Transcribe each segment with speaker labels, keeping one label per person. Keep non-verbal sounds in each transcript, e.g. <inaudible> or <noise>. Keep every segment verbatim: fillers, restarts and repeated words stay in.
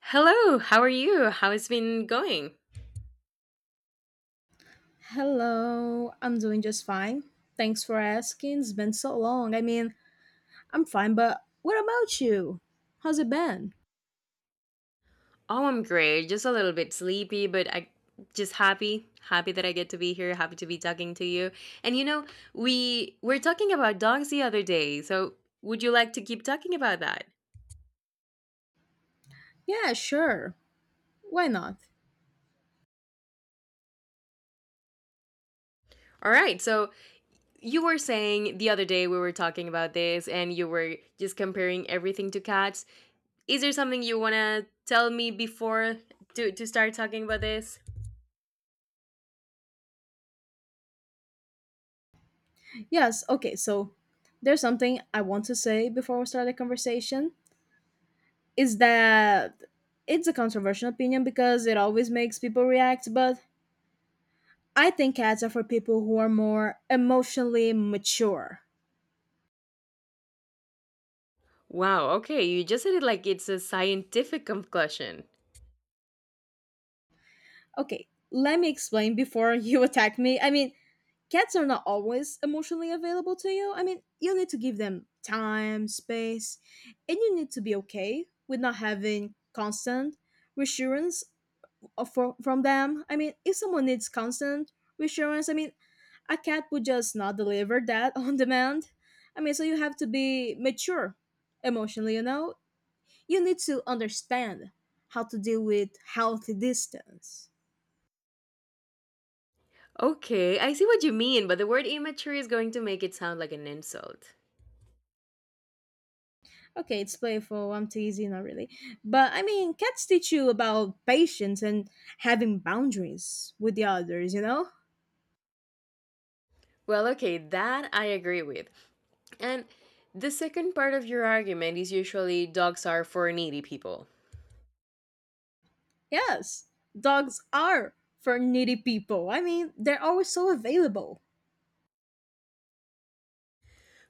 Speaker 1: Hello, how are you? How has been going?
Speaker 2: Hello, I'm doing just fine. Thanks for asking. It's been so long. I mean, I'm fine, but what about you? How's it been?
Speaker 1: Oh, I'm great. Just a little bit sleepy, but I just happy, happy that I get to be here, happy to be talking to you. And you know, we were talking about dogs the other day. So, would you like to keep talking about that?
Speaker 2: Yeah, sure. Why not?
Speaker 1: All right. So, you were saying the other day we were talking about this and you were just comparing everything to cats. Is there something you want to tell me before to to start talking about this?
Speaker 2: Yes, okay, so there's something I want to say before we start the conversation. Is that it's a controversial opinion because it always makes people react, but I think cats are for people who are more emotionally mature.
Speaker 1: Wow, okay. You just said it like it's a scientific conclusion.
Speaker 2: Okay, let me explain before you <laughs> attack me. I mean, cats are not always emotionally available to you. I mean, you need to give them time, space, and you need to be okay with not having constant reassurance of- fro- from them. I mean, if someone needs constant reassurance, I mean, a cat would just not deliver that <laughs> on demand. I mean, so you have to be mature emotionally, you know? You need to understand how to deal with healthy distance.
Speaker 1: Okay, I see what you mean, but the word immature is going to make it sound like an insult.
Speaker 2: Okay, it's playful. I'm teasing, not really. But I mean, cats teach you about patience and having boundaries with the others, you know?
Speaker 1: Well, okay, that I agree with. And the second part of your argument is usually dogs are for needy people.
Speaker 2: Yes, dogs are for needy people. I mean, they're always so available.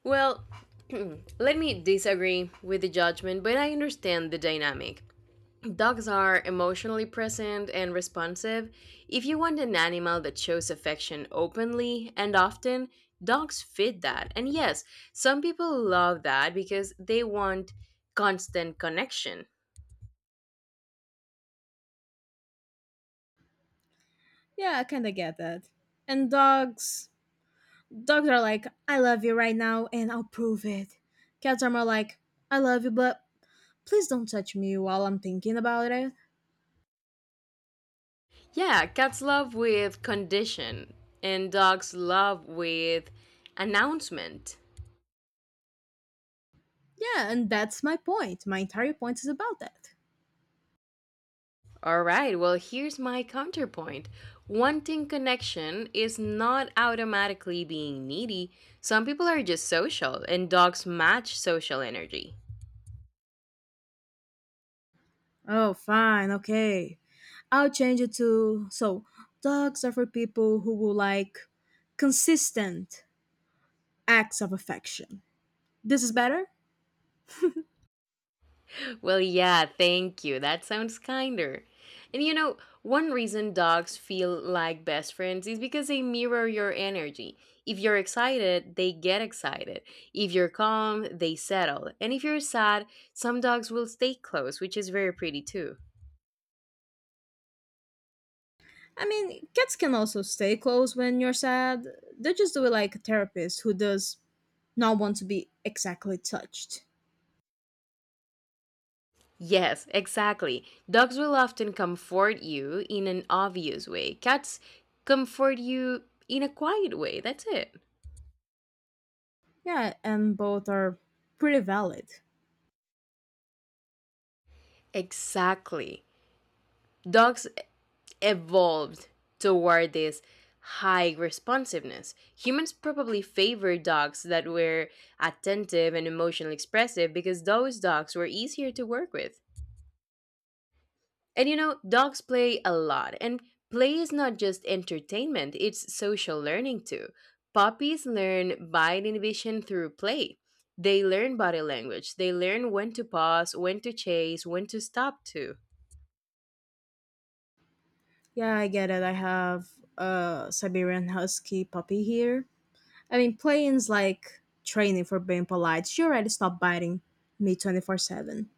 Speaker 1: Well, <clears throat> let me disagree with the judgment, but I understand the dynamic. Dogs are emotionally present and responsive. If you want an animal that shows affection openly and often, dogs fit that. And yes, some people love that because they want constant connection.
Speaker 2: Yeah, I kind of get that. And dogs, dogs are like, I love you right now and I'll prove it. Cats are more like, I love you, but please don't touch me while I'm thinking about it.
Speaker 1: Yeah, cats love with condition, and dogs love with announcement.
Speaker 2: Yeah, and that's my point. My entire point is about that.
Speaker 1: All right, well, here's my counterpoint. Wanting connection is not automatically being needy. Some people are just social, and dogs match social energy.
Speaker 2: Oh, fine, okay. I'll change it to so dogs are for people who will like consistent acts of affection. This is better?
Speaker 1: Well, yeah, thank you. That sounds kinder. And you know, one reason dogs feel like best friends is because they mirror your energy. If you're excited, they get excited. If you're calm, they settle. And if you're sad, some dogs will stay close, which is very pretty too.
Speaker 2: I mean, cats can also stay close when you're sad. They just do it like a therapist who does not want to be exactly touched.
Speaker 1: Yes, exactly. Dogs will often comfort you in an obvious way. Cats comfort you in a quiet way. That's it.
Speaker 2: Yeah, and both are pretty valid.
Speaker 1: Exactly. Dogs evolved toward this high responsiveness. Humans probably favored dogs that were attentive and emotionally expressive because those dogs were easier to work with. And you know, dogs play a lot, and play is not just entertainment, it's social learning too. Puppies learn bite inhibition through play. They learn body language, they learn when to pause, when to chase, when to stop too. <laughs>
Speaker 2: Yeah, I get it. I have a Siberian Husky puppy here. I mean, playing's like training for being polite. She already stopped biting me twenty-four seven.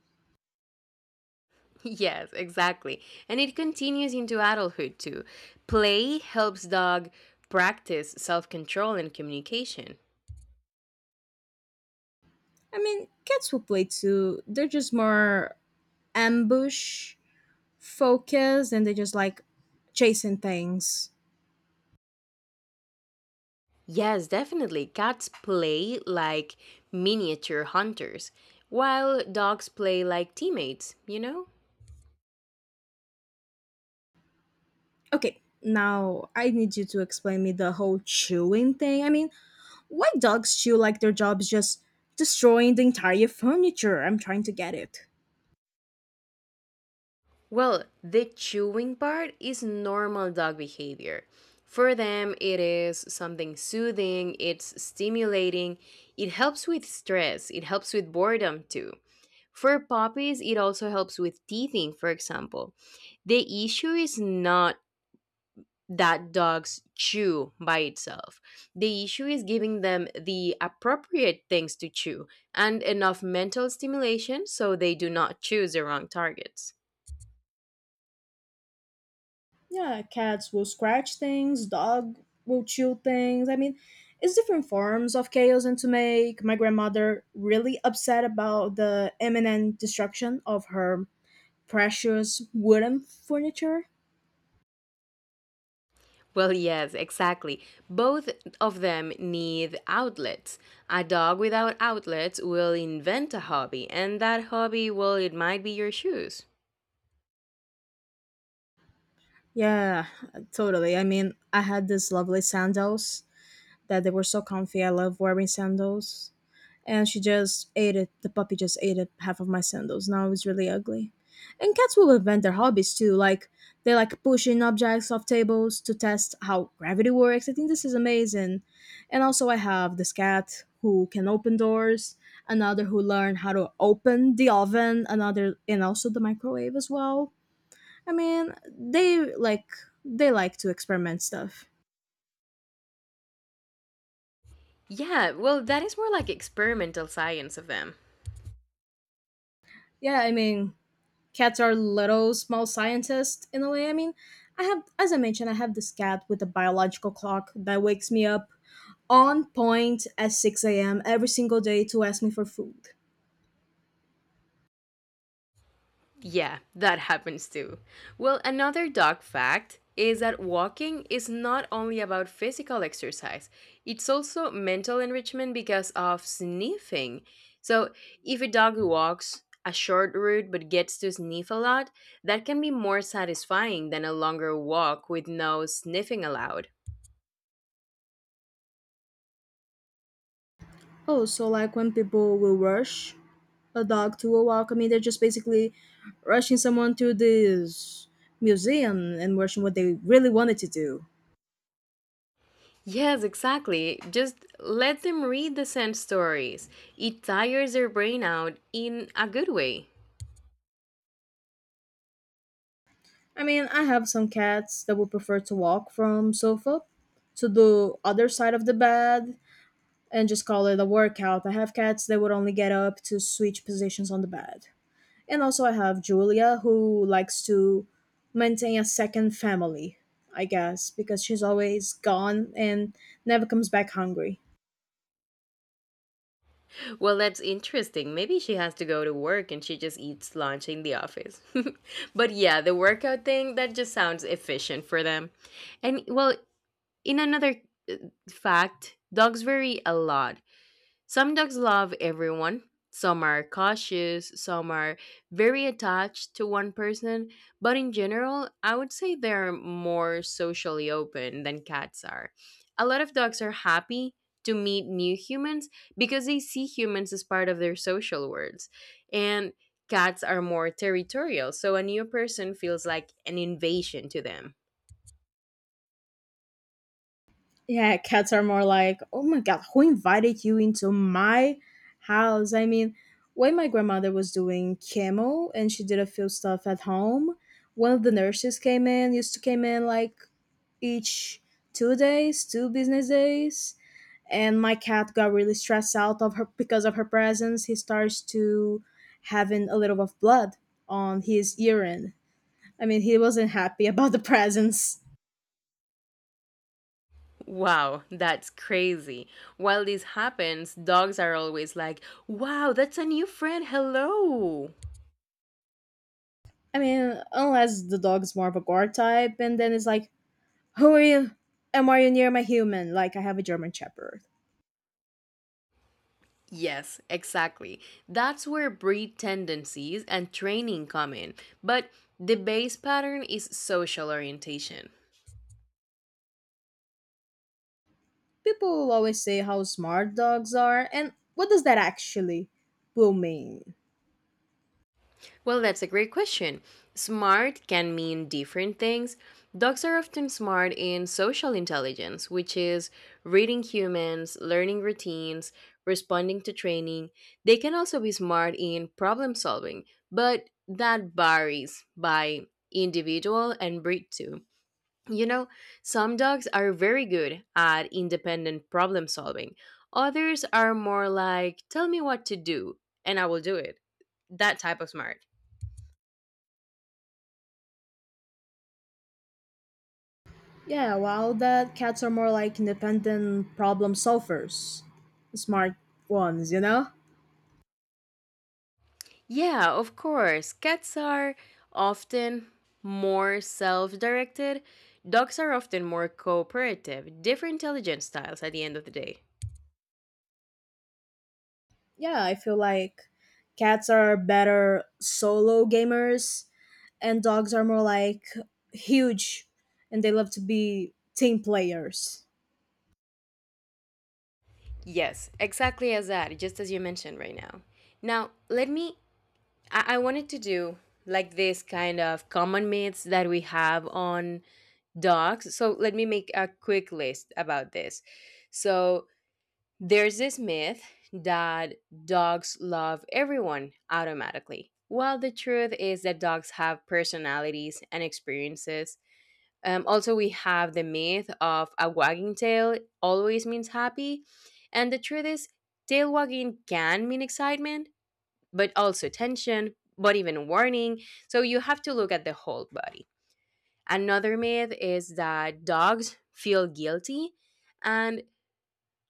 Speaker 1: Yes, exactly. And it continues into adulthood too. Play helps dog practice self control and communication.
Speaker 2: I mean, kids will play too. They're just more ambush focused and they just like chasing things.
Speaker 1: Yes, definitely. Cats play like miniature hunters, while dogs play like teammates, you know?
Speaker 2: Okay, now I need you to explain me the whole chewing thing. I mean, why dogs chew like their job is just destroying the entire furniture? I'm trying to get it.
Speaker 1: Well, the chewing part is normal dog behavior. For them, it is something soothing, it's stimulating, it helps with stress, it helps with boredom too. For puppies, it also helps with teething, for example. The issue is not that dogs chew by itself. The issue is giving them the appropriate things to chew and enough mental stimulation so they do not choose the wrong targets.
Speaker 2: Yeah, cats will scratch things, dog will chew things. I mean, it's different forms of chaos and to make my grandmother really upset about the imminent destruction of her precious wooden furniture.
Speaker 1: Well, yes, exactly. Both of them need outlets. A dog without outlets will invent a hobby, and that hobby, well, it might be your shoes.
Speaker 2: Yeah, totally. I mean, I had this lovely sandals that they were so comfy. I love wearing sandals. And she just ate it. The puppy just ate it, half of my sandals. Now it's really ugly. And cats will invent their hobbies too. Like they like pushing objects off tables to test how gravity works. I think this is amazing. And also, I have this cat who can open doors. Another who learned how to open the oven. Another and also the microwave as well. I mean, they like they like to experiment stuff.
Speaker 1: Yeah, well, that is more like experimental science of them.
Speaker 2: Yeah, I mean, cats are little small scientists in a way. I mean, I have as I mentioned, I have this cat with a biological clock that wakes me up on point at six a m every single day to ask me for food.
Speaker 1: Yeah, that happens too. Well, another dog fact is that walking is not only about physical exercise, it's also mental enrichment because of sniffing. So, if a dog walks a short route but gets to sniff a lot, that can be more satisfying than a longer walk with no sniffing allowed.
Speaker 2: Oh, so like when people will rush a dog to a walk, I mean, they're just basically rushing someone to this museum and rushing what they really wanted to do.
Speaker 1: Yes, exactly. Just let them read the scent stories. It tires their brain out in a good way.
Speaker 2: I mean, I have some cats that would prefer to walk from sofa to the other side of the bed and just call it a workout. I have cats that would only get up to switch positions on the bed. And also I have Julia who likes to maintain a second family, I guess, because she's always gone and never comes back hungry.
Speaker 1: Well, that's interesting. Maybe she has to go to work and she just eats lunch in the office. <laughs> But yeah, the workout thing, that just sounds efficient for them. And well, in another uh, fact, dogs vary a lot. Some dogs love everyone. Some are cautious, some are very attached to one person, but in general, I would say they're more socially open than cats are. A lot of dogs are happy to meet new humans because they see humans as part of their social worlds. And cats are more territorial, so a new person feels like an invasion to them.
Speaker 2: Yeah, cats are more like, oh my god, who invited you into my house? I mean, when my grandmother was doing chemo and she did a few stuff at home, one of the nurses came in, used to came in like each two days, two business days, and my cat got really stressed out of her because of her presence. He starts to having a little of blood on his urine. I mean, he wasn't happy <laughs> about the presence.
Speaker 1: Wow, that's crazy. While this happens, dogs are always like, wow, that's a new friend, hello.
Speaker 2: I mean, unless the dog's more of a guard type, and then it's like, who are you? And are you near my human? Like I have a German Shepherd.
Speaker 1: Yes, exactly. That's where breed tendencies and training come in. But the base pattern is social orientation.
Speaker 2: People always say how smart dogs are, and what does that actually will mean?
Speaker 1: Well, that's a great question. Smart can mean different things. Dogs are often smart in social intelligence, which is reading humans, learning routines, responding to training. They can also be smart in problem solving, but that varies by individual and breed too. You know, some dogs are very good at independent problem solving. Others are more like, tell me what to do and I will do it. That type of smart.
Speaker 2: Yeah, while that cats are more like independent problem solvers, smart ones, you know?
Speaker 1: Yeah, of course. Cats are often more self directed. Dogs are often more cooperative, different intelligence styles at the end of the day.
Speaker 2: Yeah, I feel like cats are better solo gamers, and dogs are more like huge, and they love to be team players.
Speaker 1: Yes, exactly as that, just as you mentioned right now. Now, let me. I, I wanted to do like this kind of common myths that we have on dogs. So, let me make a quick list about this. So, there's this myth that dogs love everyone automatically. Well, the truth is that dogs have personalities and experiences. Um, also, we have the myth of a wagging tail always means happy. And the truth is, tail wagging can mean excitement, but also tension, but even warning. So you have to look at the whole body. Another myth is that dogs feel guilty and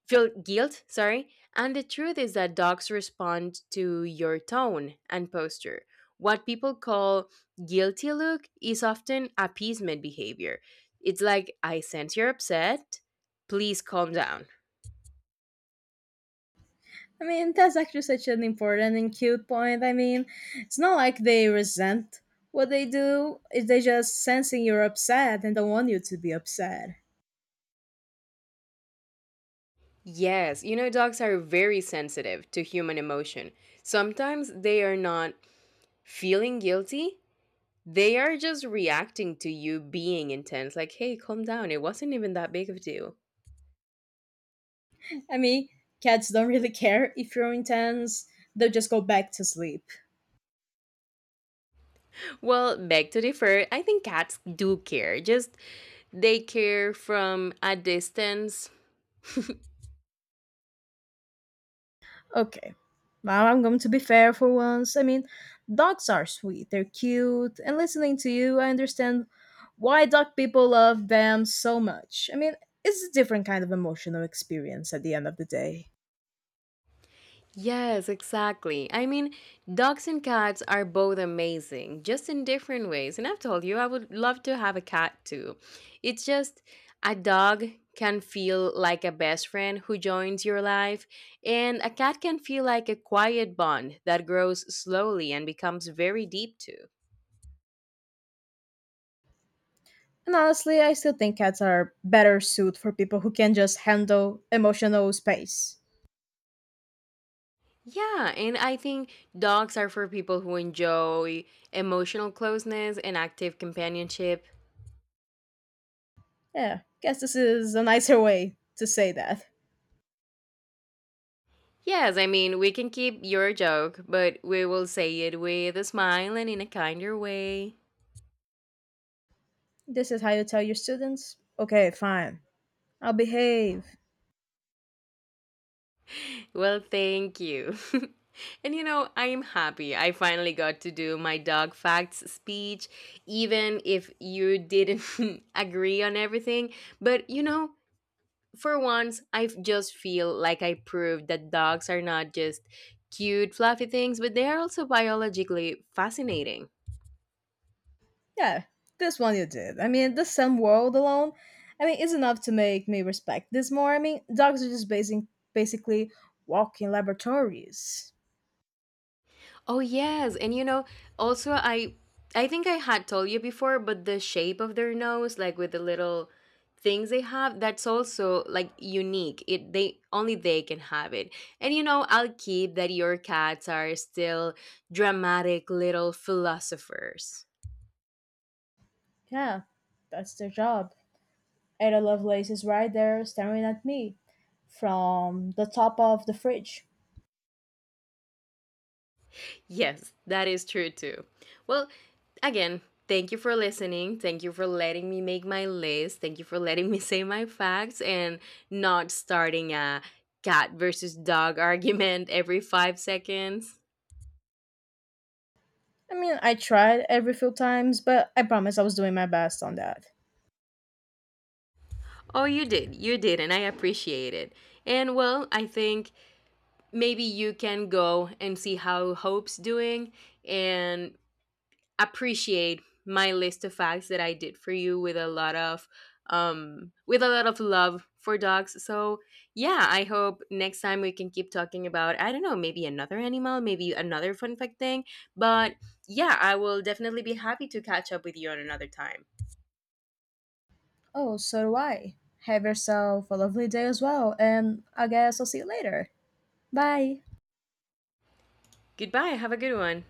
Speaker 1: feel guilt, sorry. And the truth is that dogs respond to your tone and posture. What people call guilty look is often appeasement behavior. It's like, I sense you're upset. Please calm down.
Speaker 2: I mean, that's actually such an important and cute point. I mean, it's not like they resent what they do, it's they just sensing you're upset and don't want you to be upset.
Speaker 1: Yes, you know, dogs are very sensitive to human emotion. Sometimes they are not feeling guilty, they are just reacting to you being intense. Like, hey, calm down. It wasn't even that big of a deal.
Speaker 2: I mean, cats don't really <laughs> care if you're intense, they'll just go back to sleep.
Speaker 1: Well, beg to differ. I think cats do care. Just they care from a distance.
Speaker 2: Okay, now I'm going to be fair for once. I mean, dogs are sweet, they're cute, and listening to you, I understand why dog people love them so much. I mean, it's a different kind of emotional experience at the end of the day.
Speaker 1: Yes, exactly. I mean, dogs and cats are both amazing, just in different ways. And I've told you, I would love to have a cat too. It's just a dog can feel like a best friend who joins your life, and a cat can feel like a quiet bond that grows slowly and becomes very deep too.
Speaker 2: And honestly, I still think cats are better suited for people who can just handle emotional space.
Speaker 1: Yeah, and I think dogs are for people who enjoy emotional closeness and active companionship.
Speaker 2: Yeah, guess this is a nicer way to say that.
Speaker 1: Yes, I mean, we can keep your joke, but we will say it with a smile and in a kinder way.
Speaker 2: This is how you tell your students, okay, fine, I'll behave.
Speaker 1: Well, thank you. <laughs> And you know, I am happy I finally got to do my dog facts speech, even if you didn't <laughs> agree on everything. But you know, for once, I just feel like I proved that dogs are not just cute, fluffy things, but they are also biologically fascinating.
Speaker 2: Yeah, this one you did. I mean, the sun world alone, I mean, is enough to make me respect this more. I mean, dogs are just basing, basically walking laboratories.
Speaker 1: Oh yes, and you know, also I I think I had told you before, but the shape of their nose, like with the little things they have, that's also like unique. It they only they can have it. And you know, I'll keep that your cats are still dramatic little philosophers.
Speaker 2: Yeah, that's their job. Ada Lovelace is right there staring at me from the top of the fridge.
Speaker 1: Yes, that is true too. Well, again, thank you for listening. Thank you for letting me make my list. Thank you for letting me <laughs> say my facts and not starting a cat versus dog <laughs> argument every five seconds.
Speaker 2: I mean, I tried every few times, but I promise I was doing my best on that.
Speaker 1: Oh, you did. You did, and I appreciate it. And well, I think maybe you can go and see how Hope's doing and appreciate my list of facts that I did for you with a lot of um with a lot of love for dogs. So, yeah, I hope next time we can keep talking about I don't know, maybe another animal, maybe another fun fact thing, but yeah, I will definitely be happy to catch up with you on another time.
Speaker 2: Oh, so do I. Have yourself a lovely day as well, and I guess I'll see you later. Bye.
Speaker 1: Goodbye. Have a good one.